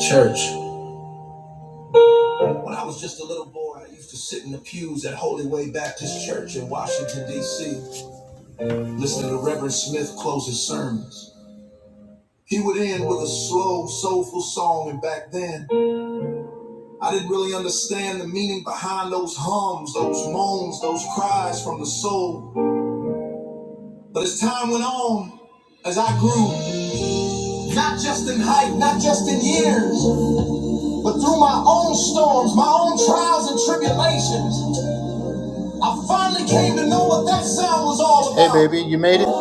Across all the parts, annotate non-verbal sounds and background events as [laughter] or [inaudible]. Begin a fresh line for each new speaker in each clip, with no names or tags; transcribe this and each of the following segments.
Church. When I was just a little boy, I used to sit in the pews at Holy Way Baptist Church in Washington, D.C., listening to Reverend Smith close his sermons. He would end with a slow, soulful song, and back then, I didn't really understand the meaning behind those hums, those moans, those cries from the soul. But as time went on, as I grew, not just in height, not just in years, but through my own storms, my own trials and tribulations. I finally came to know what that sound was all about. Hey, baby, you made it. And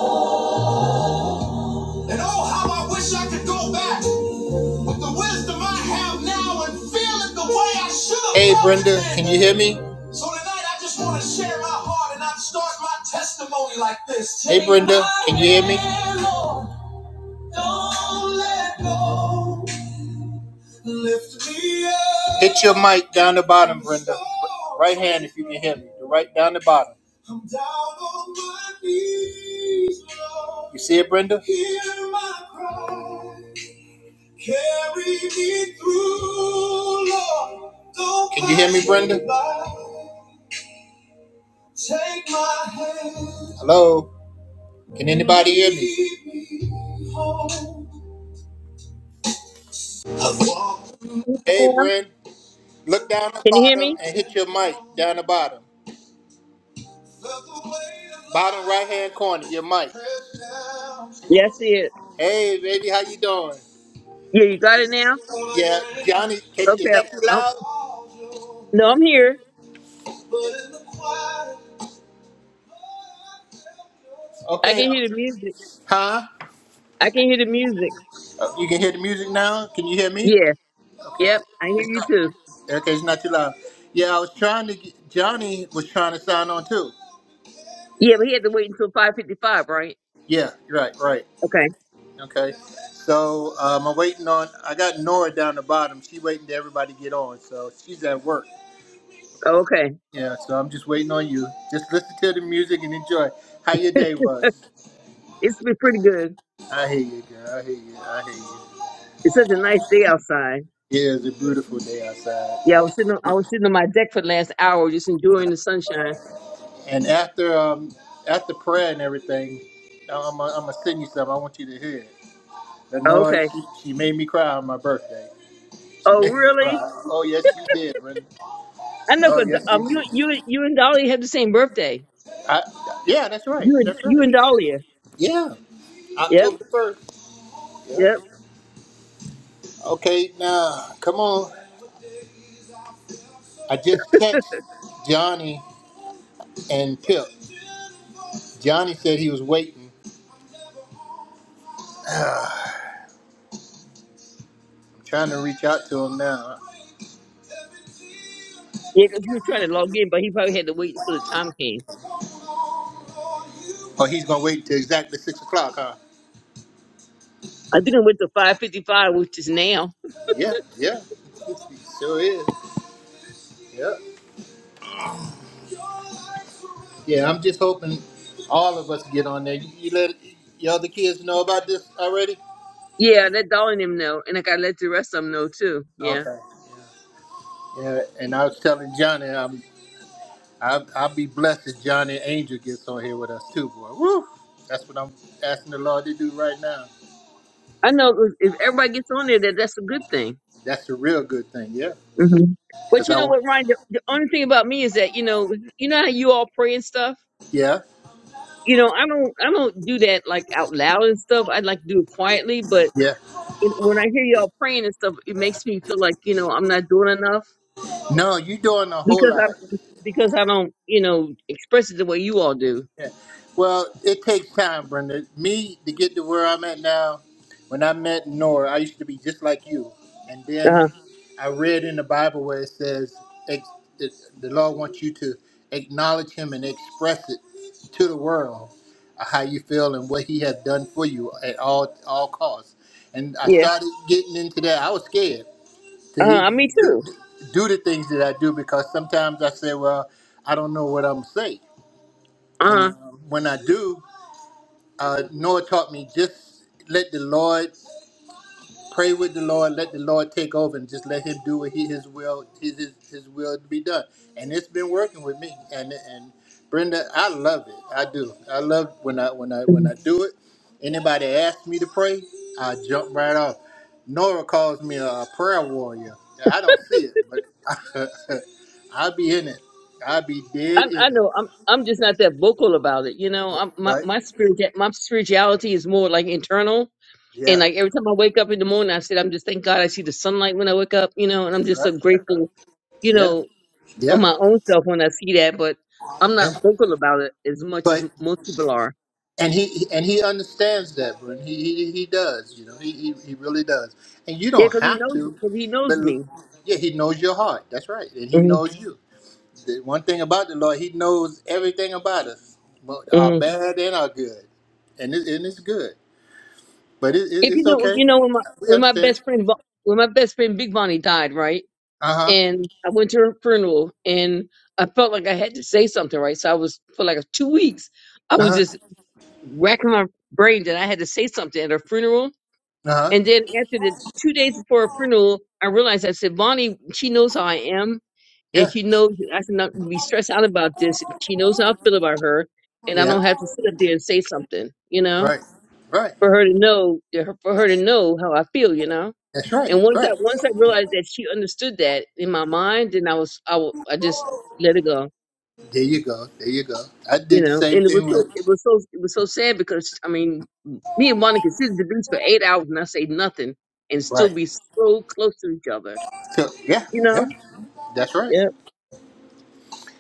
oh, how I wish I could go back with the wisdom I have now and feel it the way I should have. Hey, Brenda, can you hear me? So tonight I just want to share my heart and I start my testimony like this. Hey, Brenda, can you hear me? Don't let go. Lift me up. Hit your mic down the bottom, Brenda. Right hand if you can hear me. The Right down the bottom. I'm down on my knees, Lord. You see it, Brenda? Hear my cry. Carry me through, Lord. Don't Can you hear me, Brenda? Take my hand. Hello? Can anybody hear me? Lead
Now?
Hey, Brent. Look down the
Can you hear
bottom
me?
and hit your mic down the bottom. Bottom right hand corner, your mic.
Yes, it.
Hey, baby, how you doing?
Yeah, you got it now.
Yeah, Johnny, can, is
Okay.
that too
Oh,
loud?
no, I'm here. I
Okay,
can hear the music.
huh?
I can hear the music.
Uh, You can hear the music now. Can you hear me?
Yeah.
Okay,
Yep. I hear
it's
you
not.
too.
Okay, it's not too loud. Yeah, I was trying to. Get, Johnny was trying to sign on too.
Yeah, but he had to wait until five fifty-five, right?
Yeah, right, right.
Okay.
Okay. So um, I'm waiting on. I got Nora down the bottom. She waiting to everybody get on. So she's at work.
Oh, okay.
Yeah. So I'm just waiting on you. Just listen to the music and enjoy how your day was.
[laughs] it's been pretty good.
I hear you, girl. I hear you. I hear you.
It's such a nice day outside.
Yeah, it's a beautiful day outside.
Yeah, I was sitting. On, I was sitting on my deck for the last hour, just enjoying the sunshine.
And after um after prayer and everything, I'm i am i gonna send you something. I want you to hear it. And
Oh,
Nora,
okay.
she, she made me cry on my birthday. She
Oh,
made me cry.
really?
Oh yes, she did, Brenda.
I know.
Oh
'cause,
yes, she
um, you,
did.
you, you and Dolly have the same birthday.
I, yeah, that's right.
You and
That's right.
you and Dahlia.
Yeah,
Yep.
October first. Yep.
Yep.
Okay, now come on. I just text Johnny and Pip. Johnny said he was waiting. [sighs] I'm trying to reach out to him now.
Yeah, 'cause he was trying to log in, but he probably had to wait until the time came.
Oh, he's gonna wait till exactly six o'clock, huh?
I think I went to 555, which is now.
Yeah, yeah. [laughs] He sure is. Yep. Yeah, I'm just hoping all of us get on there. You, you let your other kids know about this already?
Yeah, I let Doll and them know, and like I got to let the rest of them know too. Yeah.
Okay. Yeah, and I was telling Johnny, i am I'll, I'll be blessed if Johnny Angel gets on here with us too, boy. Woo! That's what I'm asking the Lord to do right now.
I know 'cause if everybody gets on there, that that's a good thing.
That's a real good thing, yeah.
hmm But
Because
you
I
know
want,
what, Ryan? The, the only thing about me is that, you know, you know how you all pray and stuff?
yeah,
You know, I don't, I don't do that like out loud and stuff. I'd like to do it quietly, but
yeah.
it, when I hear y'all praying and stuff, it makes me feel like, you know, I'm not doing enough
No, you doing a whole
because I
lot.
because I don't you know express it the way you all do.
[laughs] Yeah. Well, it takes time, Brenda. Me to get to where I'm at now. When I met Nora, I used to be just like you, and
Uh
then
huh.
I read in the Bible where it says ex- it, the Lord wants you to acknowledge Him and express it to the world uh, how you feel and what He has done for you at all all costs. And I
Yeah.
started getting into that. I was scared to
Uh huh.
even
me
do,
too.
do the things that I do because sometimes I say, "Well, I don't know what I'm gonna say."
Uh
And
huh.
um, when I do, uh, Noah taught me just let the Lord pray with the Lord, let the Lord take over, and just let Him do what He His will His His, his will to be done. And it's been working with me. And and Brenda, I love it. I do. I love when I when I when I do it. Anybody asks me to pray, I jump right off. Nora calls me a a prayer warrior. I don't see it, but [laughs] I be in it. I be dead
I, I
in it.
know I'm I'm just not that vocal about it. You know, I'm, my
Right?
my spirit my spirituality is more like internal. And
Yeah.
like every time I wake up in the morning, I said, I'm just thank God I see the sunlight when I wake up. You know, and I'm
That's
just so
right. That's right.
grateful. You
Yeah.
know, on
Yeah,
my own self when I see that, but I'm not
yeah.
vocal about it as much as
But
most people are.
and he and he understands that, Brent. He he, he does. You know, he, he he really does. And you
Yeah,
don't
because he
have
knows
to,
because he
but
knows me.
yeah, he knows your heart. That's right, and he knows you. The one thing about the Lord, he knows everything about us, both our
Mhm.
bad and our good, and it, and it's good. But it, it,
If you
it's
know,
okay.
you know when my
We
when my
understand.
best friend Bo- when my best friend Big Bonnie died, right?
Uh huh.
And I went to her funeral, and I felt like I had to say something, right? So I was for like two weeks, I
Uh
was
huh.
just racking my brain that I had to say something at her funeral.
Uh huh.
And then after the two days before her funeral, I realized I said, Bonnie, she knows how I am, and
Yeah.
she knows that I should not be stressed out about this. She knows how I feel about her, and I
Yeah.
don't have to sit up there and say something, you know,
Right. Right.
for her to know, for her to know how I feel, you know.
That's right.
And once I
Right.
once I realized that she understood that in my mind, then I was I, wa- I just let it go,
There you go. There you go. I
you
did the
know.
same
And it
thing
was so
with.
it was so it was so sad because I mean, me and Monica sit to do this for eight hours and I say nothing and still
Right.
be so close to each other,
So yeah,
you
yeah,
know.
that's right.
Yep.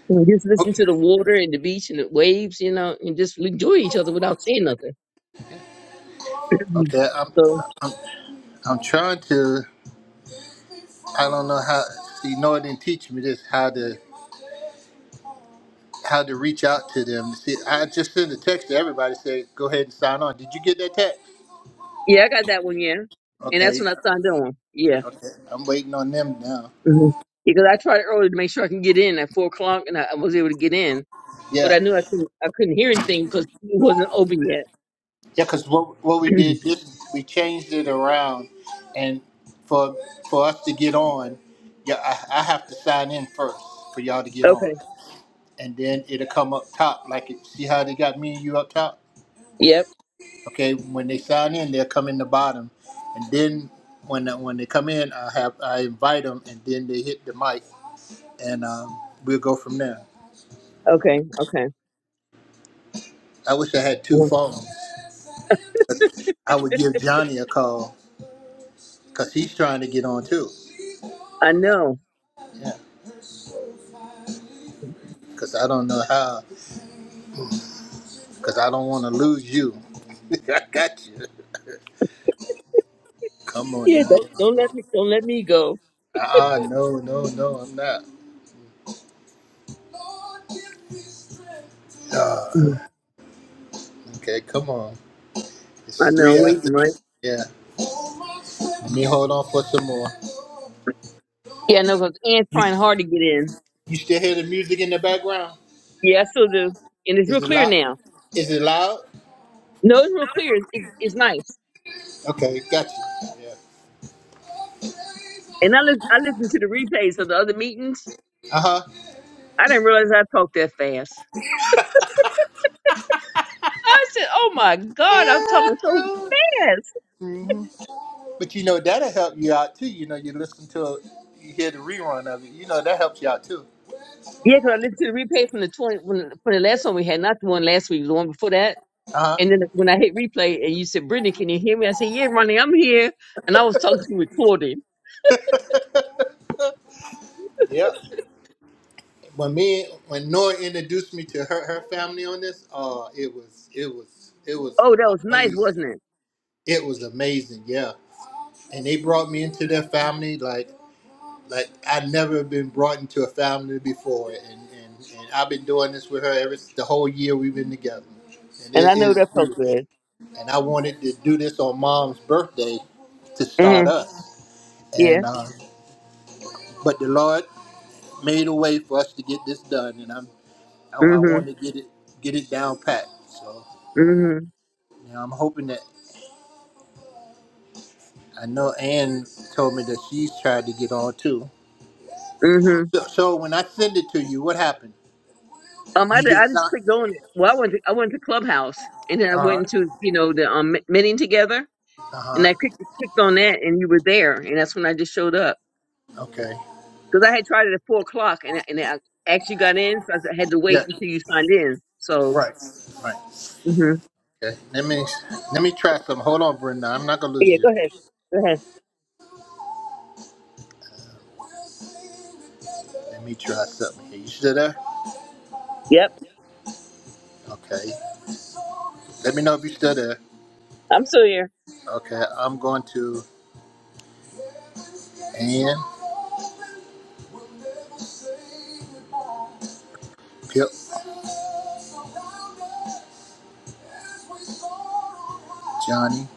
And just listen
Okay,
to the water and the beach and the waves, you know, and just enjoy each other without saying nothing. [clears throat]
okay. I'm,
so
I'm, I'm trying to. I don't know how. See, Noah didn't teach me this. How to, how to reach out to them. See, I just sent a text to everybody. Say, go ahead and sign on. Did you get that text?
yeah, I got that one. Yeah, and that's
Okay,
when I signed on. Yeah.
okay. I'm waiting on them now.
hmm Because I tried early to make sure I can get in at four o'clock, and I, I was able to get in but
Yeah,
I knew I couldn't I couldn't hear anything because it wasn't open yet.
yeah. Cause what what we
[clears throat]
did this we changed it around, and for for us to get on, yeah, I, I have to sign in first for y'all to get on.
okay.
and then it'll come up top. Like it, see how they got me and you up top.
Yep.
Okay, when they sign in, they'll come in the bottom, and then when uh, when they come in, I have I invite them, and then they hit the mic, and um, we'll go from there.
Okay. Okay.
I wish I had two
Mm.
phones. I would give Johnny a call because he's trying to get on too.
I know.
Yeah, because I don't know how. Because I don't want to lose you. [laughs] I got you. Come on
Yeah.
now.
Don't don't let me don't let me go.
Uh uh no, no, no, I'm not. Ah,
Mm.
okay, come on. It's
I know.
three after.
Waiting right.
Yeah. Let me hold on for some more.
Yeah. I know. Cause Anne's
You
trying hard to get in.
you still hear the music in the background?
Yeah. I still do. And it's real
Is it
clear
loud?
now.
Is it loud?
No, it's real clear. It's, it's, it's nice.
Okay, got you. Yeah.
And I lis- I listened to the replays of the other meetings.
Uh huh.
I didn't realize I talked that fast. I said, "Oh my God, I'm talking so fast."
hmm But you know that'll help you out too. You know you listen to it, you hear the rerun of it. You know that helps you out too.
Yeah, 'cause I listened to the replay from the twenty from the, from the last one we had, not the one last week, the one before that
Uh huh.
And then when I hit replay and you said, Brittany, can you hear me? I said, Yeah, Ronnie, I'm here. And I was talking to recording.
Yep. When me when Nora introduced me to her her family on this, uh, it was it was it was
Oh, that was nice,
amazing.
wasn't it?
It was amazing. Yeah. And they brought me into their family. Like Like I'd never been brought into a family before, and, and, and I've been doing this with her ever the whole year we've been together, and it
And I know
is
that felt
beautiful.
good.
And I wanted to do this on Mom's birthday to
hmm
start us,
Yeah.
and uh, but the Lord made a way for us to get this done, and I'm I, I
hmm
want to get it get it down pat. So
hmm
you know, I'm hoping that I know Ann told me that she's tried to get on too.
hmm
So, so when I send it to you, what happened?
Um, I,
You
di-
just
I just
signed.
clicked on it. Well, I went to, I went to Clubhouse and then I went
Uh huh.
into, you know, the um meeting together
Uh
and
huh.
I clicked, clicked on that and you were there. And that's when I just showed up
Okay.
because I had tried it at four o'clock and, I- and I actually got in. So I had to
Yeah.
wait until you signed in. So,
Right. Right.
hmm
Okay. Let me let me try something. Hold on, Brenda. I'm not gonna lose
yeah,
you.
go ahead. Go ahead.
Let me try something here. You still there?
Yep.
Okay. Let me know if you still there.
I'm still here.
Okay. I'm going to Ann. Yep. Johnny.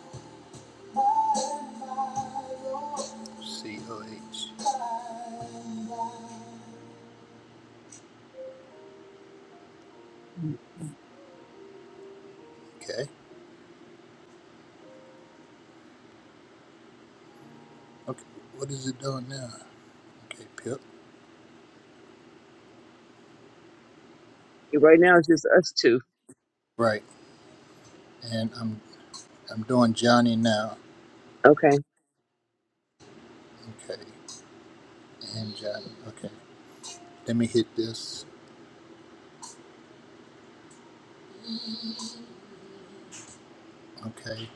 C O H. Okay. Okay. What is it doing now? Okay. Pip.
Right now it's just us two.
Right. And I'm I'm doing Johnny now.
Okay.
Okay. And Johnny. Okay. Let me hit this. Okay.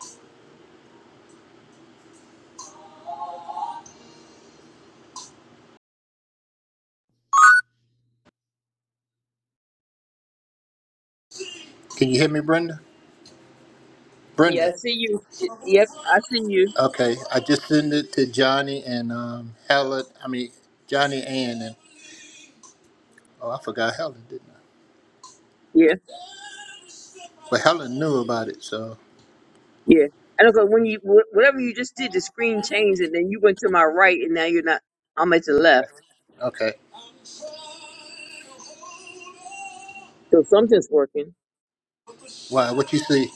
Can you hear me, Brenda? Brenda.
Yeah, I
Yes.
see you. Y- Yep, I see you.
Okay. I just sent it to Johnny and um, Helen. I mean, Johnny Ann and oh, I forgot Helen, didn't I?
Yeah,
But Helen knew about it, so
yeah. And okay, when you wh- whatever you just did, the screen changed, and then you went to my right, and now you're not. I'm at the left,
okay.
so something's working.
Wow, what you see?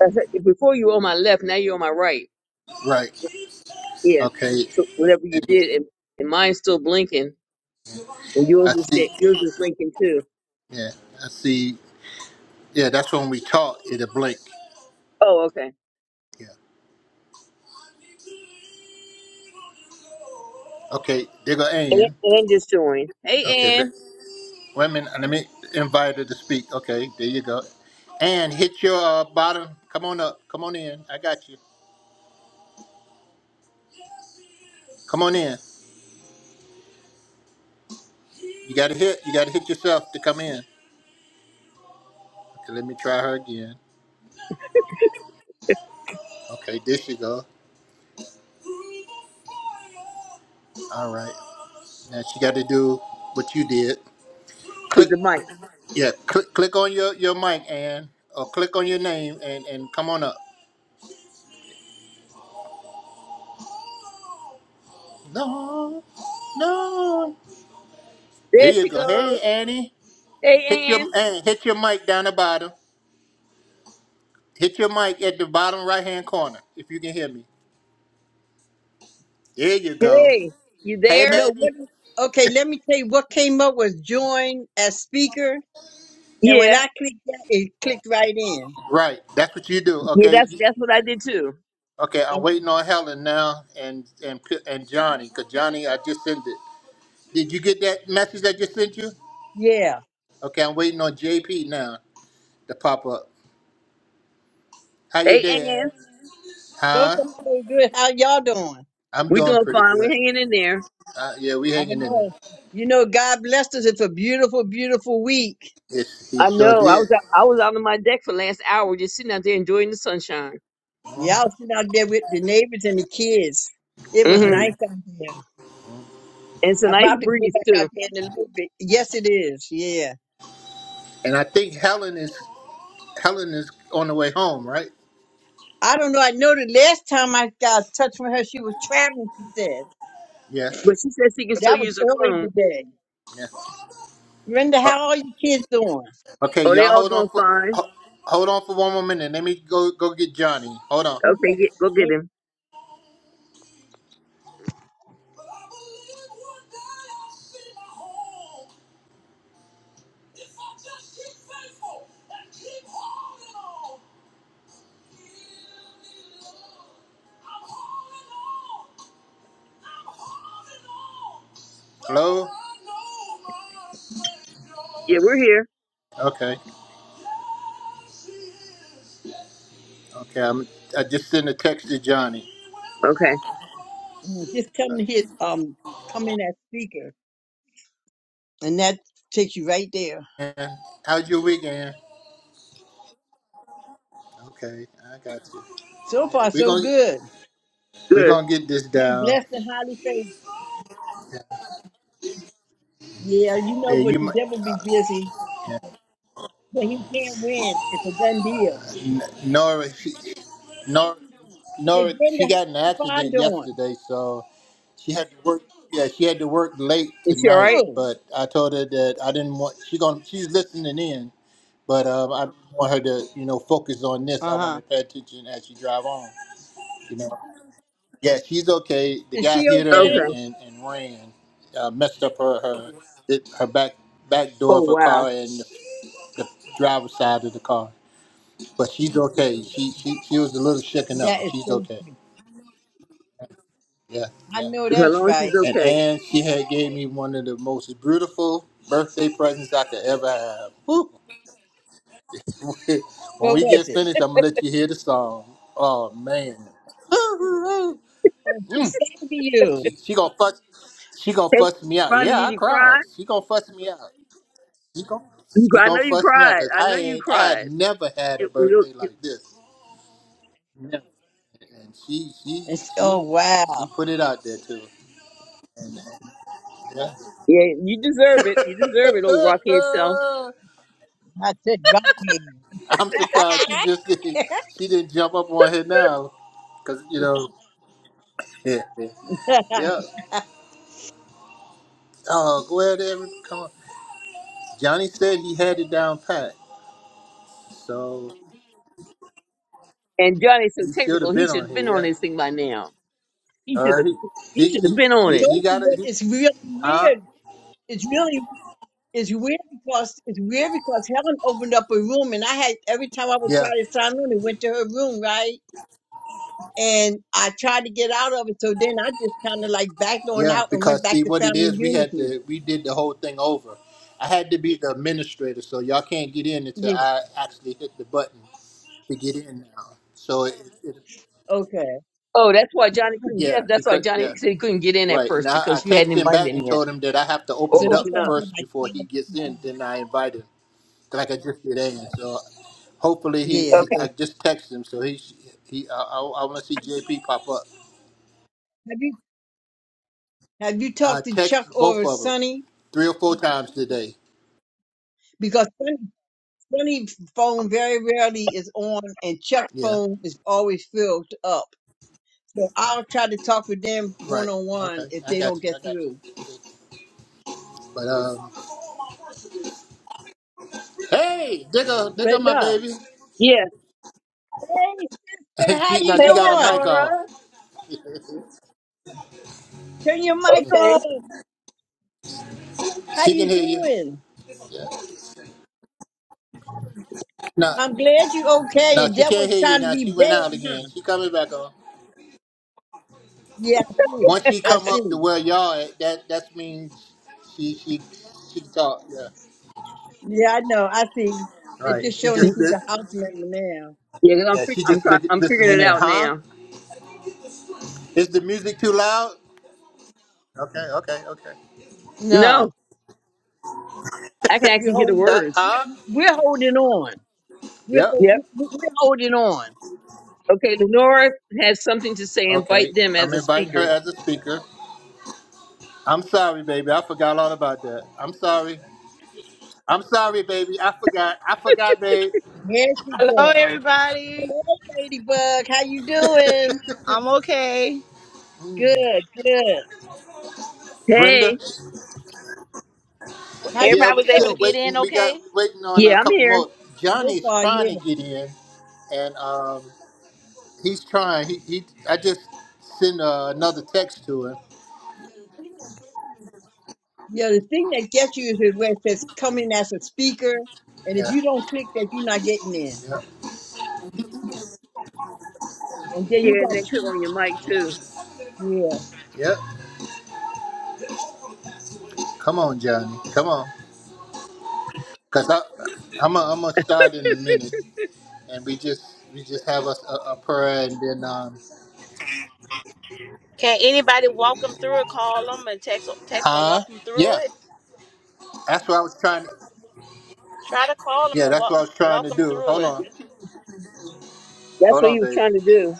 I said, Before you were on my left, now you're on my right.
Right.
Yeah.
Okay.
So whatever you
And
did, and, and mine's still blinking, and yours
I
is
see.
sta- yours is blinking too.
Yeah, I see. Yeah, that's when we talked. It a blink.
Oh, okay.
Yeah. Okay. There go
And
Ann.
Ann just joined. Hey,
Okay.
Ann,
Wait a minute. Let me invite her to speak. Okay, there you go. And hit your uh, bottom. Come on up. Come on in. I got you. Come on in. You gotta hit. You gotta hit yourself to come in. Okay, let me try her again. Okay, there she go. All right. Now she got to do what you did.
with
Click.
the mic.
Yeah. Click. Click on your your mic and or click on your name and and come on up. No. No. There
There
you
she
go. Hey
goes.
Annie. Hit
Hey,
your
Ann.
and hit your mic down the bottom. Hit your mic at the bottom right hand corner if you can hear me. There you go.
Hey, you
Hey,
there?
No,
baby.
what? Okay, let me tell you what came up was join as speaker, and when
Yeah.
I clicked that, it clicked right in.
Right. That's what you do.
Yeah,
Okay.
that's
You-
that's what I did too.
Okay. I'm
Okay.
waiting on Helen now and and P- and Johnny because Johnny I just sent it. Did you get that message I just sent you?
Yeah,
Okay. I'm waiting on JP now to pop up. How you
Hey,
doing?
Ann,
Ann?
so
Huh?
far so good. How y'all doing?
I'm
we
doing
doing
pretty
fine. We're
good.
hanging in there.
Uh, yeah, we
I
hanging in there.
know. You know, God blessed us. It's a beautiful, beautiful week.
Yes, he
I
sure
know. I
did.
was out, I was out on my deck for the last hour, just sitting out there enjoying the sunshine.
Y'all sitting out there with the neighbors and the kids. It was
I hear
Mm-hmm.
nice
you.
out there.
It's a
I
nice
probably go
breeze
back out
too.
there in a little bit. Yes, it is. Yeah.
And I think Helen is Helen is on the way home, right?
I don't know. I know the last time I got in touch with her, she was traveling. She said,
Yeah.
But she says she can
but
still
that was
use her
early
phone.
today.
Yeah.
Brenda,
Uh,
how are your kids doing?
Okay,
Oh, they
y'all
all
hold on
doing
for
fine.
ho- hold on for one more minute. Let me go go get Johnny. Hold on.
Okay,
Okay.
get, go get
Make-
him.
Hello.
Yeah, we're here.
Okay. Okay. I'm I just sent a text to Johnny.
Okay,
mm, Just tell them to hit um come in that speaker and that takes you right there.
And how's your weekend? Okay, I got you.
So
Yeah,
far
we're
so
gonna
good.
we're
good.
gonna get this
I'm
down.
blessed and highly favored. Yeah, you
Yeah,
know but
you
the
might.
devil be busy,
Yeah.
but he can't win. It's a done deal.
N- Nora, she, Nora,
Hey
Nora,
Brenda,
she got in an
how's Stefan
accident
doing?
yesterday, so she had to work. Yeah, she had to work late
Is she all
tonight.
right?
Oh.
But I told her that I didn't want. She gonna she's listening in. But um, I want her to, you know, focus on this. I want her
Uh-huh.
to pay attention as she drive on. You know, yeah, she's okay. The
Is
guy
she
hit her and,
okay?
Okay.
and, and ran, uh, messed up her her it, her back back door
Oh
of her
wow.
car and the driver's side of the car. But she's okay. She she she was a little shaken up,
That
but
is
she's
so
okay. Yeah,
I
yeah.
know
So As
that's
long as she's
right.
And
okay.
and she had gave me one of the most beautiful birthday presents I could ever have. Woo! [laughs] when
What
we
was
get
it?
finished, I'm gonna let you hear the song. Oh man, [laughs]
Oh, she
Mm.
sang to you.
she she gonna fuss she gonna
Hey,
fuss me out.
Ronnie,
Yeah,
did
I
you
cried.
cry?
She gonna fuss me out. She gonna
You,
she
cry- I
gonna
know you
fuss me out
cried.
because
I
I
know you
ain't I had
cried.
never had a
You, we don't-
birthday
you-
like this. Never. And she she
It's, oh
she
wow.
she put it out there too. And, uh, yeah.
yeah, you deserve it. You deserve it, old rockhead self.
[laughs]
I said rock hand.
I'm surprised
[laughs]
she just [laughs] didn't, she didn't jump up on her now, cause you know, [laughs] yeah, Oh, glad every come on. Johnny said he had it down pat, so
And Johnny's so
he should have
technical, he
been
should
on
have
here.
been on
Yeah.
this thing by now. He should
Uh,
have
he
he
he
should
he
have been
I
on
he,
it.
he
told you
got it.
what
He,
it's really
huh?
weird. It's really it's weird because it's weird because Helen opened up a room and I had every time I would try
Yeah,
to sign on, it went to her room, right? And I tried to get out of it, so then I just kind of like backed on
yeah.
out and went
Because
back
see,
to
what it
Family
is, we had
Unity.
to we did the whole thing over. I had to be the administrator, so y'all can't get in until
Yeah,
I actually hit the button to get in now. So it, it
okay.
Oh, that's why Johnny couldn't get
yeah,
up.
he
That's why
could yeah.
Johnny said he couldn't get in at
Right.
first
Now I I
because you hadn't
texted him
invited
back
him
and
yet.
told him that I have to open
Or
So
it
that's
up
open
why I
up.
said
first
like
before
five
he gets
fifty
in.
five.
Then I invited him. like I just did Ann. So hopefully he,
Yeah.
he
Okay.
I just texted him. So he he I, I, I want to see JP pop up.
Have you have you
Uh,
talked to
text
Chuck
both
or
of them
Sonny?
three or four times today.
Because Sonny, Sonny's phone very rarely is on, and Chuck's
Yeah,
phone is always filled up. So I'll try to talk with them
right.
one on
Okay,
one if
I
they don't
got you.
get
I got
through.
you. But um, hey, digger, digger, my
Brenda,
baby.
Yeah.
hey sister,
[laughs]
how
she now
you
Hey
she got a mic
doing?
Lenora.
off. [laughs]
Turn your mic
Okay.
on. How
she can
you
hear you.
doing?
Yeah. No,
I'm glad you okay.
no,
The
she can't
devil's
hear you
trying to
now. She
be
went out
bad,
again.
huh?
She coming back on.
Yeah, I see.
Once she
I
come up to
see.
where y'all at, that that means she she she can talk. Yeah.
Yeah, I know. I see. It's
Right.
just
She
showing that
just
she's
li-
a house member now.
Yeah, because I'm
yeah,
fi-
she
I'm
just
trying
li-
I'm figuring
listening
it
in,
out
huh?
now.
Is the music too loud? Okay, okay, okay.
No,
No, I can
we're
actually hear the
holding.
[laughs]
words.
We're,
huh?
we're holding on. We're,
Yep.
ho-
Yep.
we're we're holding on.
Okay, Lenora has something to say.
Okay.
Invite them as
I'm
a
inviting her
speaker.
as a speaker. I'm sorry, baby. I forgot all about that. I'm sorry. I'm sorry, baby. I forgot. I forgot, babe.
There she
Hello,
goes.
everybody.
Hey, Ladybug, how you doing?
I'm okay.
Good, good.
Brenda.
Hey.
How you
Yeah,
Everybody
we're
was able to
still
get
feeling?
in
waiting. We got
okay?
waiting on a
Yeah, I'm
couple
here.
more.
So
Johnny's
far,
trying to
yeah.
get in, and um, he's trying. He, he I just sent uh, another text to him.
Yeah, the thing that gets you is where it says come in as a speaker, and if
Yeah.
you don't click that, you're not getting in.
Yeah.
And then you
Yeah, and
got
then click
two,
on your mic
Yeah.
too.
yeah.
Yep. Come on, Johnny. Come on. Cause I, I'm gonna I'm gonna start in a minute, and we just we just have us a, a prayer, and then um,
Can anybody walk them through it? Call them and text, text and
huh?
walk them
Yeah,
through it.
that's what I was trying. To,
Try to call them
yeah,
and
that's what
walk,
I was trying
walk
to
them
do.
through
Hold
it.
on,
That's
hold
what
on,
he was
babe.
trying to do.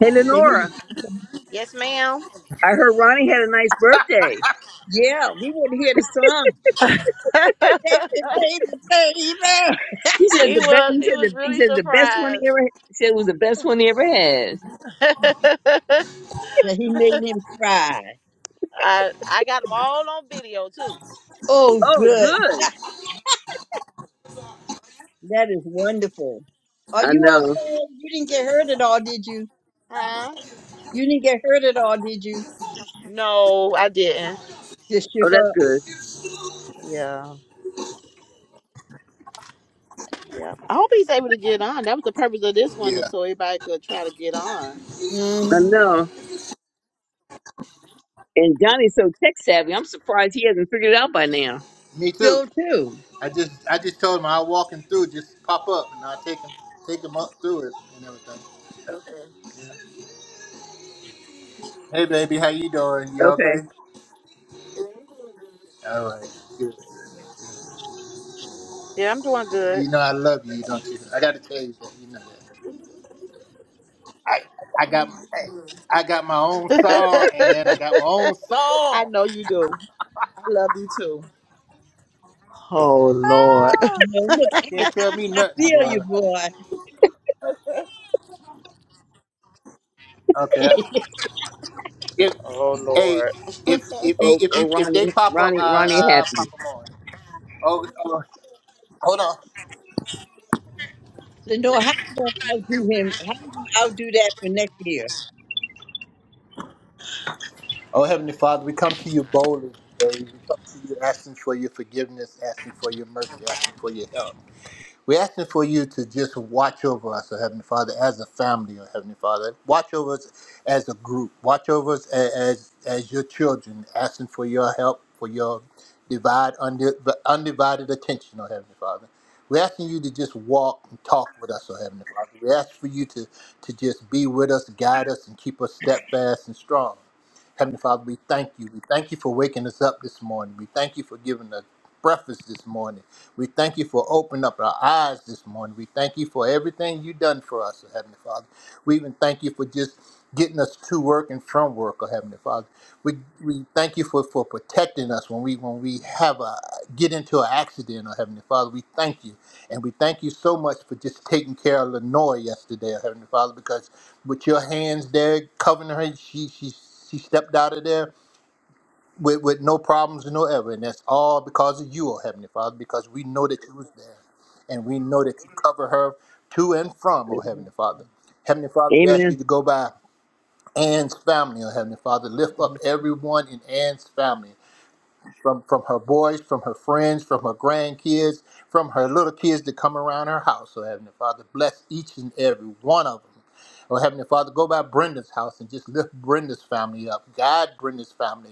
Hey
They need to
Lenora.
see some,
Yes, ma'am.
I heard Ronnie had a nice birthday.
yeah. We want to hear the song,
[laughs]
baby, baby, baby. [laughs]
He said
he
the best.
was,
He
he
said
was
the, he
really
said the best one he
surprised.
ever he said was the best one he ever had.
[laughs] I,
That he made him cry.
I got them all on video too.
Oh,
Oh,
good.
good.
That is wonderful. Are
I
you
know.
okay? You didn't get hurt at all, did you?
Huh?
You didn't get hurt at all, did you?
No, I didn't.
Just shook
Oh, that's
up.
good.
Yeah, yeah. I hope he's able to get on. That was the purpose of this one,
Yeah,
so everybody could try to get on.
hmm
I know. And Johnny's so tech savvy. I'm surprised he hasn't figured it out by now.
me too.
Still too.
I just I just told him I'll walk him through. Just pop up, and I'll take him take him up through it and everything. Yeah. Hey, baby, how you doing? You
Okay.
okay? All right. Good.
Yeah, I'm doing good.
You know I love you, don't you? I got to tell you that. You know that. I I got I got my own
[laughs]
song, and I got my own
I
song.
know you do. I love you too. Oh Lord.
No, look, I, can,
Can't
I,
tell me
I I
nothing,
feel you,
boy.
boy.
Okay.
[laughs]
If
Oh
hey,
Lord.
if if he,
Oh,
if
oh,
he, if
Ronnie,
they pop up, I
Ronnie, Ronnie,
I I'll pop
happy.
them on. Oh, oh, hold on.
Lenore, how you going to outdo him? How you going to outdo that for next year?
Oh Heavenly Father, we come to you boldly today. We come to you asking for your forgiveness, asking for your mercy, asking for your help. We're asking for you to just watch over us, oh Heavenly Father, as a family, oh Heavenly Father. Watch over us as a group. Watch over us a- as as your children, asking for your help, for your divide undi- undivided attention, oh Heavenly Father. We're asking you to just walk and talk with us, oh Heavenly Father. We ask for you to to just be with us, guide us, and keep us steadfast and strong. Heavenly Father, we thank you. We thank you for waking us up this morning. We thank you for giving us breakfast this morning. We thank you for opening up our eyes this morning. We thank you for everything you've done for us, oh Heavenly Father. We even thank you for just getting us to work and from work, oh Heavenly Father. We we thank you for, for protecting us when we when we have a get into an accident, oh Heavenly Father. We thank you. And we thank you so much for just taking care of Lenore yesterday, oh Heavenly Father, because with your hands there covering her, she she she stepped out of there with, with no problems and no ever. And that's all because of you, oh Heavenly Father, because we know that you was there. And we know that you cover her to and from, oh
Yeah,
Heavenly Father. Heavenly Father, we ask
Amen.
you to go by Ann's family, oh Heavenly Father. Lift up everyone in Ann's family, from, from her boys, from her friends, from her grandkids, from her little kids that come around her house, oh Heavenly Father. Bless each and every one of them. Oh, Heavenly Father, go by Brenda's house and just lift Brenda's family up. Guide Brenda's family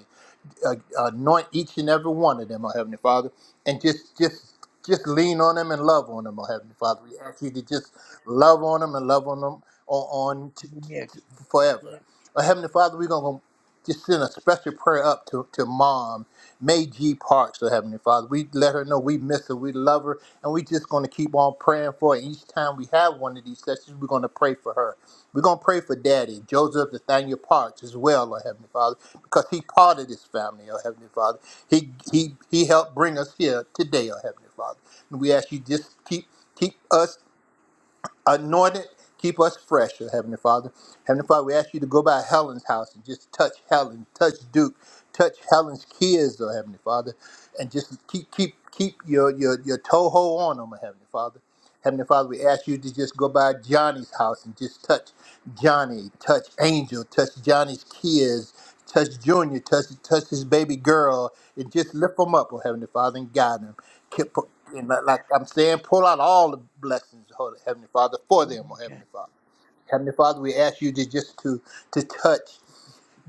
uh, uh, anoint each and every one of them, oh Heavenly Father, and just just just lean on them and love on them, oh Heavenly Father. We ask you to just love on them and love on them on, on t-
mm,
t-
yeah,
t- forever.
yeah,
Oh, Heavenly Father, we're gonna just send a special prayer up to, to mom, May G. Parks, the Heavenly Father. We let her know we miss her, we love her, and we just going to keep on praying for her. Each time we have one of these sessions, we're going to pray for her. We're going to pray for Daddy, Joseph Nathaniel Parks, as well, Lord Heavenly Father, because he part of this family, oh Heavenly Father. He, he, he helped bring us here today, oh Heavenly Father. And we ask you just keep keep us anointed. Keep us fresh, oh Heavenly Father. Heavenly Father, we ask you to go by Helen's house and just touch Helen, touch Duke, touch Helen's kids, oh Heavenly Father, and just keep keep keep your your your toehold on them, oh Heavenly Father. Heavenly Father, we ask you to just go by Johnny's house and just touch Johnny, touch Angel, touch Johnny's kids, touch Junior, touch touch his baby girl, and just lift them up, oh Heavenly Father, and guide them. Keep, pu- and like like I'm saying, pull out all the blessings, oh Heavenly Father, for
mm,
them, oh
God,
Heavenly Father. Heavenly Father, we ask you to just to to touch.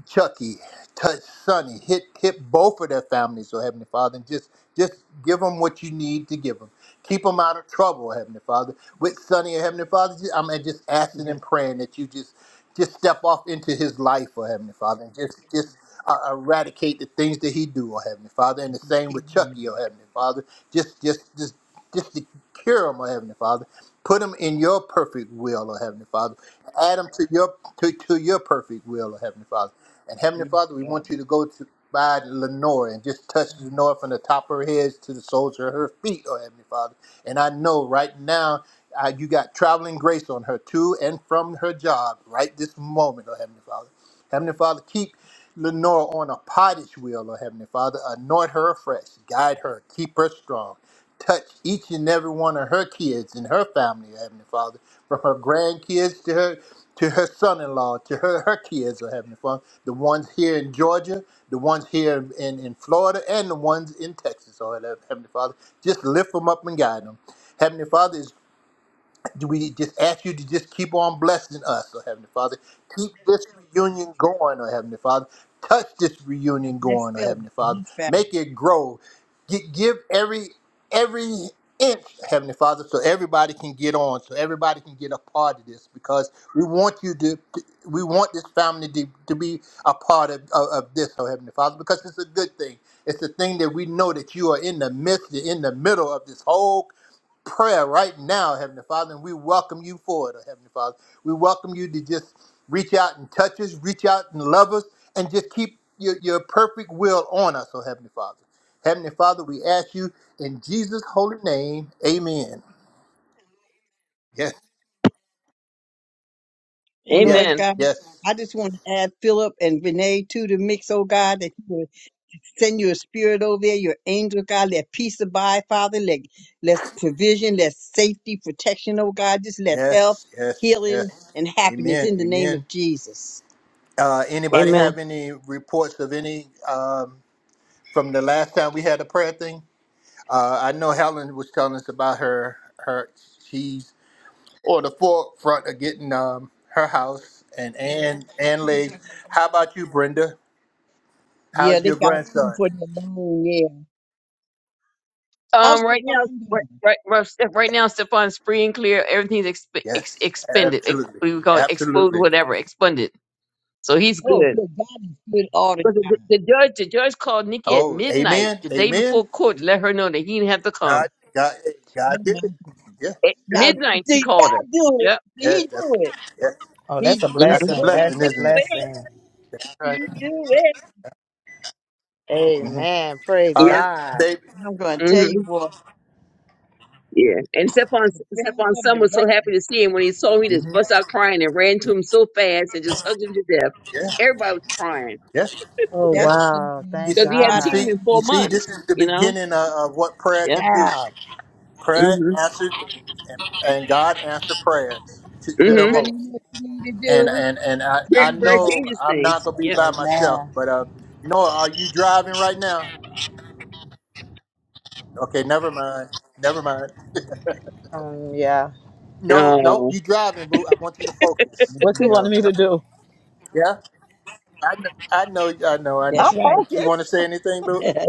Chucky, touch Sonny, hit hit both of their families, oh Heavenly Father, and just just give them what you need to give them. Keep them out of trouble, oh Heavenly Father. With Sonny, oh Heavenly Father, just, I'm just asking
yes,
and praying that you just just step off into his life, oh Heavenly Father, and just just uh, eradicate the things that he do, oh Heavenly Father. And the same
heal
with
him,
Chucky, oh
Lord.
Heavenly Father. Just just just just to cure them, O Heavenly Father. Put them in your perfect will, O Heavenly Father. Add them to your to, to your perfect will, O Heavenly Father. And Heavenly
yes,
Father, we
God.
want you to go to by Lenore and just touch Lenore from the top of her head to the soles of her feet, oh Heavenly Father. And I know right now uh, you got traveling grace on her to and from her job right this moment, oh Heavenly Father. Heavenly Father, keep Lenora on a pottage wheel, oh Heavenly Father. Anoint her afresh, guide her, keep her strong. Touch each and every one of her kids and her family, oh Heavenly Father, from her grandkids to her to her son-in-law, to her her kids, oh Heavenly Father, the ones here in Georgia, the ones here in, in Florida, and the ones in Texas, oh Heavenly Father. Just lift them up and guide them. Heavenly Father, do we just ask you to just keep on blessing us, oh Heavenly Father. Keep this reunion going, oh Heavenly Father. Touch this
And
reunion
bless
going, oh
Philip
Heavenly
and
Father.
his family.
Make it grow. Gi- give every every inch, Heavenly Father, so everybody can get on, so everybody can get a part of this, because we want you to, we want this family to, to be a part of, of, of this, oh Heavenly Father, because it's a good thing. It's the thing that we know that you are in the midst, in the middle of this whole prayer right now, Heavenly Father, and we welcome you for it, Heavenly Father. We welcome you to just reach out and touch us, reach out and love us, and just keep your, your perfect will on us, oh Heavenly Father. Heavenly Father, we ask you in Jesus' holy name, amen. Yes,
And
yes,
Lord
Amen.
God,
yes,
I just want to add Philip and Renee to the mix, oh God, that you would Send your spirit over there, your angel, God. Let peace abide, Father. Let, let provision, let safety, protection, oh God. Just let health,
yes, yes,
healing,
yes.
and happiness
Amen,
in the name
amen.
of Jesus.
Uh, anybody
Amen.
have any reports of any um, from the last time we had a prayer thing? Uh, I know Helen was telling us about her her. she's. or the forefront of getting um, her house and and and legs. How about you, Brenda?
Yeah,
How's
they
your
got food
grandson?
for their long, yeah. How's
Um,
the
right now,
fun
right,
doing?
right, right Steph- right now, Stefan's free and clear. Everything's exp- ex-
Yes,
expended. Ex-
absolutely,
what do we call it? Exposed,
absolutely.
whatever, expended. So he's
Oh,
good.
good. God is good all the
But the,
time.
the judge, the judge called Nikki at
Oh,
midnight
amen,
the day
amen.
before court to let her know that he didn't have to
God,
come.
God, God
Oh, my
did it.
goodness.
Yeah,
At
yeah,
Now,
midnight, she
did
called her.
God do it?
Yep.
Did
yeah.
he
That's
do it?
yeah.
Oh,
He
that's a
did it.
That's
Mm-hmm.
the
blessing.
Can he
That's
blessing,
a
isn't
do
it?
it?
blessing.
Can he do it?
hmm
Amen. Praise
Uh,
Yep.
God.
baby.
I'm going to tell
Mm-hmm.
you, boy,
Yeah. And Stephon,
the prayers
Stephon
of
son
the
was so happy to
righteous.
see him when he saw me, just
hmm
bust out crying and ran to him so fast and just hugged him to death.
Yeah,
Everybody was crying
yeah,
Oh
That is
yes.
so
wow.
You,
Thank
because
wonderful.
he
you
hadn't
God is
seen
God.
him
see,
in
good.
you
four
see, this
months.
is the
You know.
beginning of, of what prayer
Yeah.
can do.
Wow.
Prayer
Mm-hmm.
answered things, and, and God answered prayers to, to
But
the
Mm-hmm.
Brenda, you know
most.
what you need to
And
do?
and and I,
You
Prayer,
I
need to
prayer
know.
know
changes
I'm not
things.
gonna be
Yep.
by myself,
Amen.
but uh, Noah, are you driving right now? Okay, never mind, never mind.
Um yeah.
No, no,
Oh.
you driving, boo. I want you to focus.
What you
Mhm.
You know,
wanted me to
That's-
do?
yeah. I know, I know, I know, I
That's
I'm
know. But
right.
you
focused.
want to say anything, boo?
[laughs] that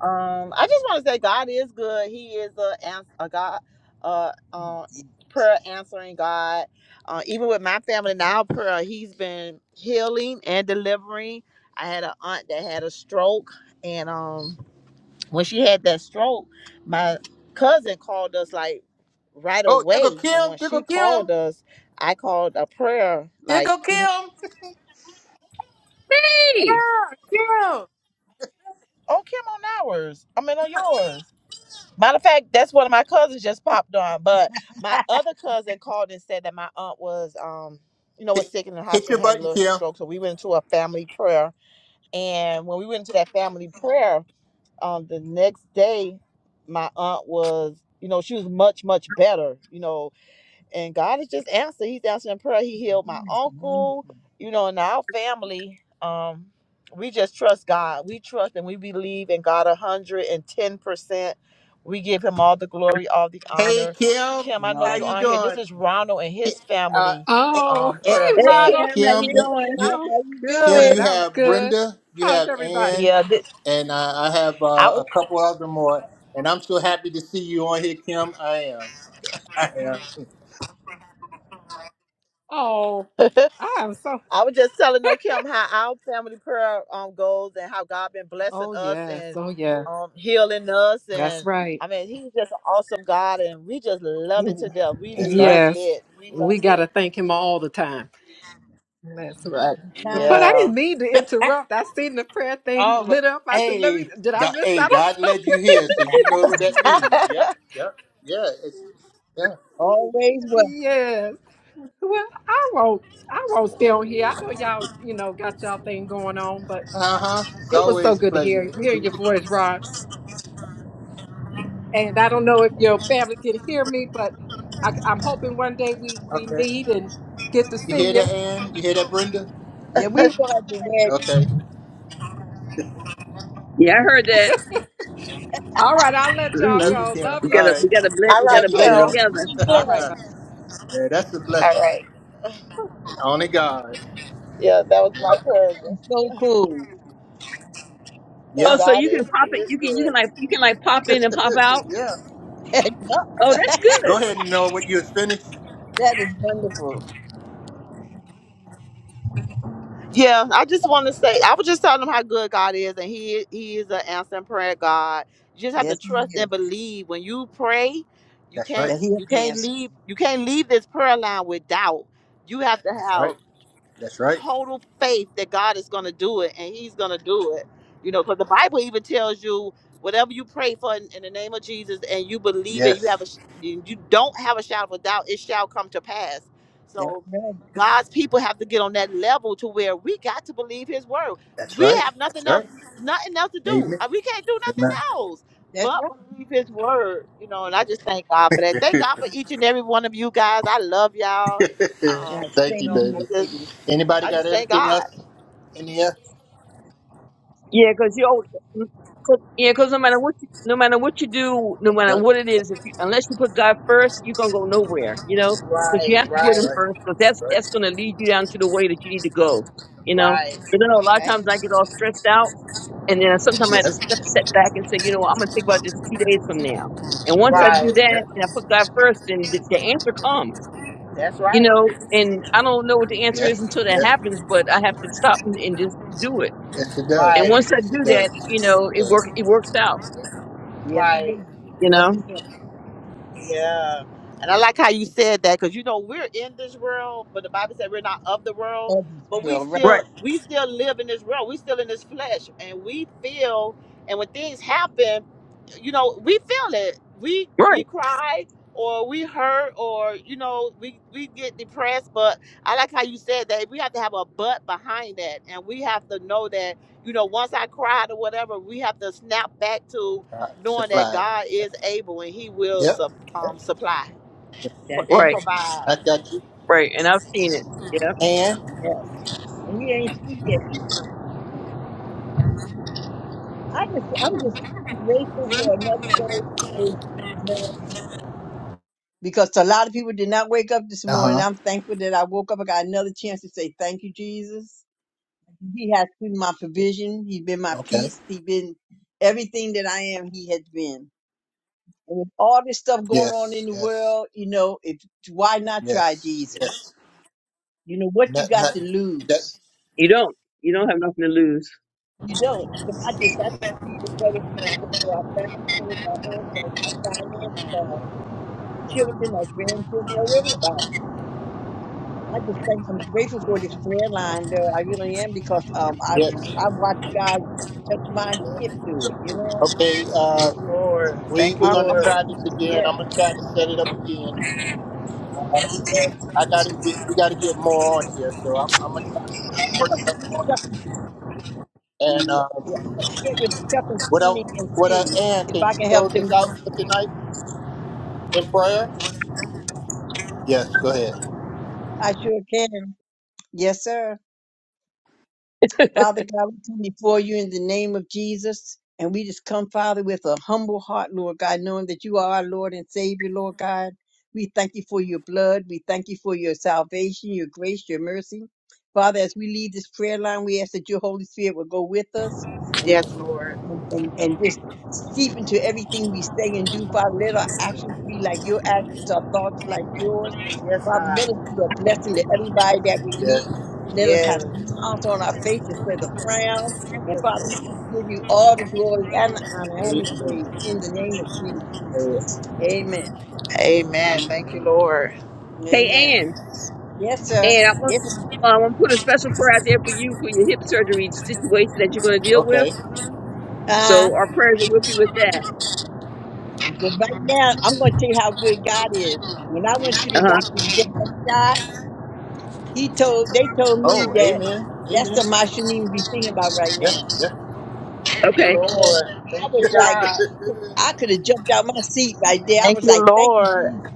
Um, I just want to say God is good. He is a, ans- a God, uh, uh, prayer answering God. Uh, even with my family now, prayer, he's been healing and delivering. I had an aunt that had a stroke, and um, when she had that stroke, my cousin called us like right
Oh, there go
away. And
Kim,
when
there go
she
Kim,
called us, I called a prayer
there
like,
go
"Oh, Kim
Kim,
Hey.
Kim.
on ours. I mean on yours." Matter of fact, that's one of my cousins just popped on. But my other cousin called and said that my aunt was, um, you know, was
Hit,
sick in the
hit
hospital
your
and had a
button,
little
Kim.
stroke. So we went into a family prayer, and when we went into that family prayer, um, the next day, my aunt was, you know, she was much much better. You know, and God has just answered. He's answering prayer. He healed my
is
uncle,
wonderful.
you know, and our family. Um, we just trust God. We trust and we believe in God a hundred and ten percent. We give him all the glory, all the
Hey,
honor.
Kim,
Kim, I know
how
you
No.
you
are on here. This
doing?
is Ronald and
Ki-
his
uh,
family
eh,
Oh,
um
eh,
[laughs]
prayer
hey,
Hey
chat.
Ronald.
Kim, how
Kim,
you
Yeah,
you,
doing?
you,
I'm
how you
Kim,
good.
you
doing?
I'm
have
good.
Brenda, you
How's
have
everybody?
Ann,
Yeah, this,
and uh, I have
I
uh, a couple other more. And I'm so happy to see you on here, Kim. I am. I am.
was
Oh, I am so.
I was just telling No Kim how our family prayer um goes and how God been blessing
Oh,
us
yes.
and
Oh, yes.
um healing us
That's
and
right.
I mean he's just an awesome God and we just love it to death. We
That's right.
love
Yes.
it. We
We
love
got to
it.
thank him all the time. That's right. But
Time.
I didn't
Yeah.
mean to interrupt. I seen the prayer thing
Oh, but
lit up. I said, let me,
hey,
did I
God,
miss
hey,
out on
God
[laughs] something?
led you here, so you know what that means. Yep. Yep. Yeah. It's yeah.
Always well.
Yes. Well, I won't, I won't stay on here. I know y'all, you know, got y'all thing going on, but
Uh huh. It's
[laughs]
it was so
always a
good to hear,
pleasure.
hear your voice, Ron. and I don't know if your family can hear me, but I, I'm hoping one day we
[laughs]
we
okay.
meet and get to
You
see
hear that,
you.
Ann? You hear that, Brenda?
Yeah, we were at the wedding.
Okay.
Yeah, I heard that.
All right, I'll let y'all
Love
hmm
you,
go.
Kim. All
Love
We
you.
gotta we
right.
gotta blend
I
we
Thank
gotta
like
you,
blend
Okay.
him.
together.
Be
Kim.
All
[laughs]
right.
blessed.
Yeah, that's a blessing. Only God.
Yeah, that was my cousin.
So cool.
So
Oh,
Yeah,
so
God
you can
is He
pop it.
is
You can you can
good.
like you can like pop in and pop out.
yeah.
[laughs] yup,
Oh, that's
Go
good.
ahead and know what you have finished.
that is wonderful.
Yeah, I just want to say, I was just telling them how good God is, and He He is an answering prayer God. You just have to
Yes, he
trust and
is.
believe. When you pray, you
That's right.
can't
That he'll
you can't
answer.
leave you can't leave this prayer line with doubt. You have to
That's
have
right. That's right.
total faith that God is going to do it and he's going to do it. You know, because the Bible even tells you whatever you pray for in, in the name of Jesus and you believe and you
Yes.
have a sh- you you don't have a shadow of a doubt, it shall come to pass.
That's
So
right.
God's people have to get on that level to where we got to believe his word.
That's
We
right.
have
That's
nothing else
right.
nothing else to do.
Amen.
Uh, We can't do nothing
Amen.
else
That's
but
right.
believe his word, you know, and I just thank God for
[laughs]
that. Thank God for each and every one of you guys. I love y'all.
Yeah,
Um,
Thank you,
you
same here,
baby.
know,
baby.
Anybody
I
got
just thank
anything else
God.
in the
Yeah, because you al- cause, yeah, 'cause no matter what you, no matter what you do, no
That's
matter
right.
what it is, if you, unless you put God first, you're gonna go nowhere. You know, because you
Right,
have to
right,
put
That's
Him
right.
first, because
That's
that's
right.
that's gonna lead you down to the way that you need to go. You know,
right.
but you know, a lot of
Right.
times I get all stressed out And then sometimes I have to
Yes.
step, step back and say, you know what, I'm going to think about this two days from now. And once
Yes.
I do
Right.
Yes.
that and I put
hmm
God first, then the, the answer comes,
That's
you
right.
know, and I don't know what the answer
Yes.
is until that
Yes.
happens, but I have to stop and, and just do it.
Yes, it does.
And
Right.
once I
Yes, it
do that,
does.
you know,
It
it work,
does.
it works out,
Yes, he does.
Right.
you
Yes,
know?
he does.
Yeah. And I like how you said that because you know we're in this world, but the Bible said we're not of the world,
Of this
but we
world, right.
still
Right,
we still live in this world. We still in this flesh and we feel and when things happen you know, we feel it. We we
right,
cry or we hurt or you know we we get depressed. But I like how you said that we have to have a butt behind that, and we have to know that you know once I cried or whatever, we have to snap back to
Uh,
knowing that
supplied.
God is able and He will
Yep.
sup, um, supply
Yep.
for,
That's right.
and
right,
provide.
I got you.
right. And I've seen it. Yeah.
And.
Yes. And you ain't through yet. I just I'm just grateful for another day to praise him, you know. Because a lot of people did not wake up this
Uh
morning.
huh.
I'm thankful that I woke up. I got another chance to say thank you, Jesus. He has been my provision. He's been my
Okay.
peace. He's been everything that I am. He has been. And with all this stuff going on in
Yes.
the
Yes.
world, you know, if why not try
Yes. Yes.
Jesus? You know what you
Not,
got
not,
to
you don't-
lose?
You don't, you don't have nothing to lose.
You don't. So I just I just plead the blood of Jesus over our family, over our homes, our, our finances, our children, our grandchildren, over everybody. I just think I'm grateful for this prayer line, though. I really am because um I
yes.
I watched God touch my hip to it. You know,
Okay. Um,
Lord.
we
Thank you,
we're
I'm,
gonna
I'm
try this
thankful.
Lord.
again. I'm
Yes,
gonna try to set it up again. Um, and I got to We, we got to get more on here. So I'm, I'm gonna try to work,
and
work
I'll get
something
with
on
Chuck and
it. And um,
yeah, I'll get with Chuck and
what else?
Sonny and
What uh,
see
Ann,
if
can
I
you
can help
close
them
us
get
out
up
for
there.
tonight in prayer? Yes. Go ahead.
I sure can. Yes, sir.
[laughs]
Father God, we come before you in the name of Jesus. And we just come, Father, with a humble heart, Lord God, knowing that you are our Lord and Savior, Lord God. We thank you for your blood. We thank you for your salvation, your grace, your mercy. Father, as we leave this prayer line, we ask that your Holy Spirit will go with us
Yes, Lord.
and, and, and just seep into everything we say and do, Father. Let our actions be like your actions, our thoughts like yours.
Yes,
Father, let
God.
us be a blessing to everybody that we
Yes.
meet. Let us have
Yes.
smiles on our face instead of frowns. And Father,
Yes,
we just give you all the glory and the honor and the
Amen.
praise in the name of Jesus.
Uh,
Amen.
Amen. Thank you, Lord. Thank
Hey,
Amen.
Ann,
Yes, sir.
Ann, I want,
Yes. ma'am.
I want to put a special prayer out there for you for your hip surgery situation that you're going to deal with.
Okay.
Uh,
So our prayers are with you with that.
but right now, I'm going to tell you how good God is. When I went to
Uh
the
huh.
doctor to get that shot, He told they told me
Oh,
that
amen.
that's
Amen.
something I shouldn't even be thinking about right
Yeah.
now.
Yeah.
you,
Okay.
So
Lord.
I
Thank you,
[laughs]
was like,
God.
I could have jumped out my seat right there. I
Thank
was
you,
like, thank you,
Lord.
Jesus.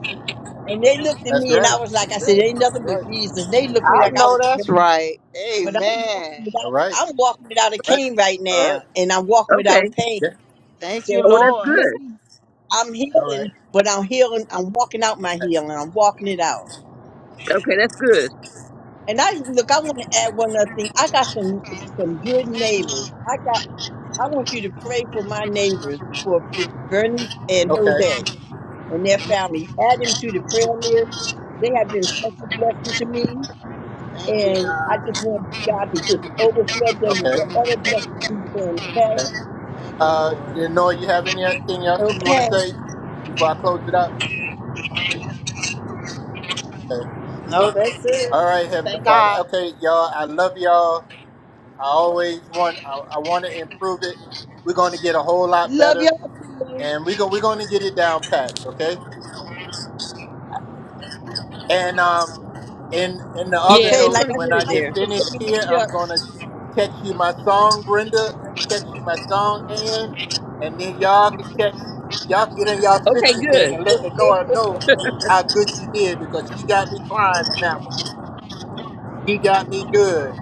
And they looked at
That's
me and
right.
I was
That's
like, I said,
right.
ain't
That's
nothing but
right.
Jesus. They looked at me
I
like I
know
was
that's
crazy.
right.
But I'm walking
Amen.
All
without
right.
I'm walking without a
Right.
cane right
All right.
now and I'm walking
Okay.
without pain.
Yeah.
Thank
So
you,
Oh,
I'm
that's
Lord.
good.
slowly I'm
All right.
healing, but I'm healing I'm walking out my healing. I'm walking it out.
Okay, that's good.
And I look, I want to add one other thing. I got some some good neighbors. I got I want you to pray for my neighbors for Bernice and
Okay.
Jose and their family. Add them to the prayer list. They have been such a blessing to me.
Thank you,
And I
God.
just want God to just
Thank
overflow them with
Okay.
whatever
Okay.
blessings He can, okay?
Okay.
you,
Uh,
Lord.
you know, you have anything else you want
Okay.
to say before I close it up? Okay.
No, that's it.
All right, Heavenly
Thank
Father.
God.
Okay, y'all. I love y'all. I always want. I, I want to improve it. We're going to get a whole lot
Love
better,
y'all too.
and we're going we're going to get it down pat. Okay. And um, And and the other
Yeah,
Okay,
we're
note,
like
gonna
I
when
get
said,
I
it
I'll
get
there.
give a
finished
seven and
here,
you
I'm gonna text you my song, Brenda, and text you my song, Ann, and then
What?
y'all can text y'all can get in y'all
Okay,
sister thing
good.
and let the Nora know how good she did because she got me crying on that one. She got me good.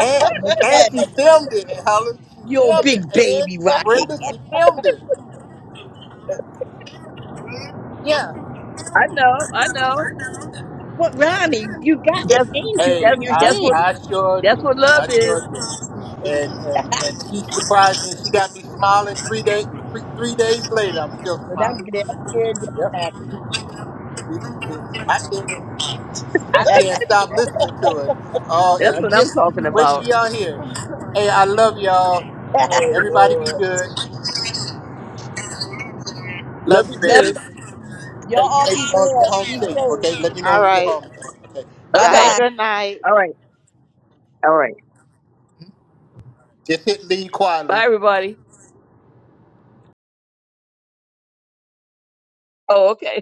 And and
Okay.
she filmed it, and Helen. She
Yo,
filmed it,
big
and
baby
Brenda,
rockhead.
she filmed it. Yeah.
I know. I know.
What Ronnie, you got
That's
an angel
Hey,
on
that's
your
I
that's what
hand.
I sure
that's
do.
what love
I sure
is.
do. and and and she surprised me. She got me smiling three
What?
days, three, three days later. I'm still
But
smiling.
I'm glad I'm glad
Yep.
y'all
It- it- I can't I
happy. [laughs]
can't
alright
stop listening to it. Oh,
That's
Well,
it,
what I'm
Just be
talking
happy.
wait till
about.
y'all hear it. Hey, I love y'all. Everybody be good.
Love
Love you,
you
Love
baby.
too.
y'all. too. Y'all
Hey,
you
all
hey,
be
you all get
blessed.
home
Be
safe,
safe.
okay? Let me know
All
when you get
right.
home. Okay.
Bye
Y'all have
All
bye.
a
Okay.
right.
good night.
All right. All right.
Just hit leave
Bye,
quietly.
everybody. Oh, okay.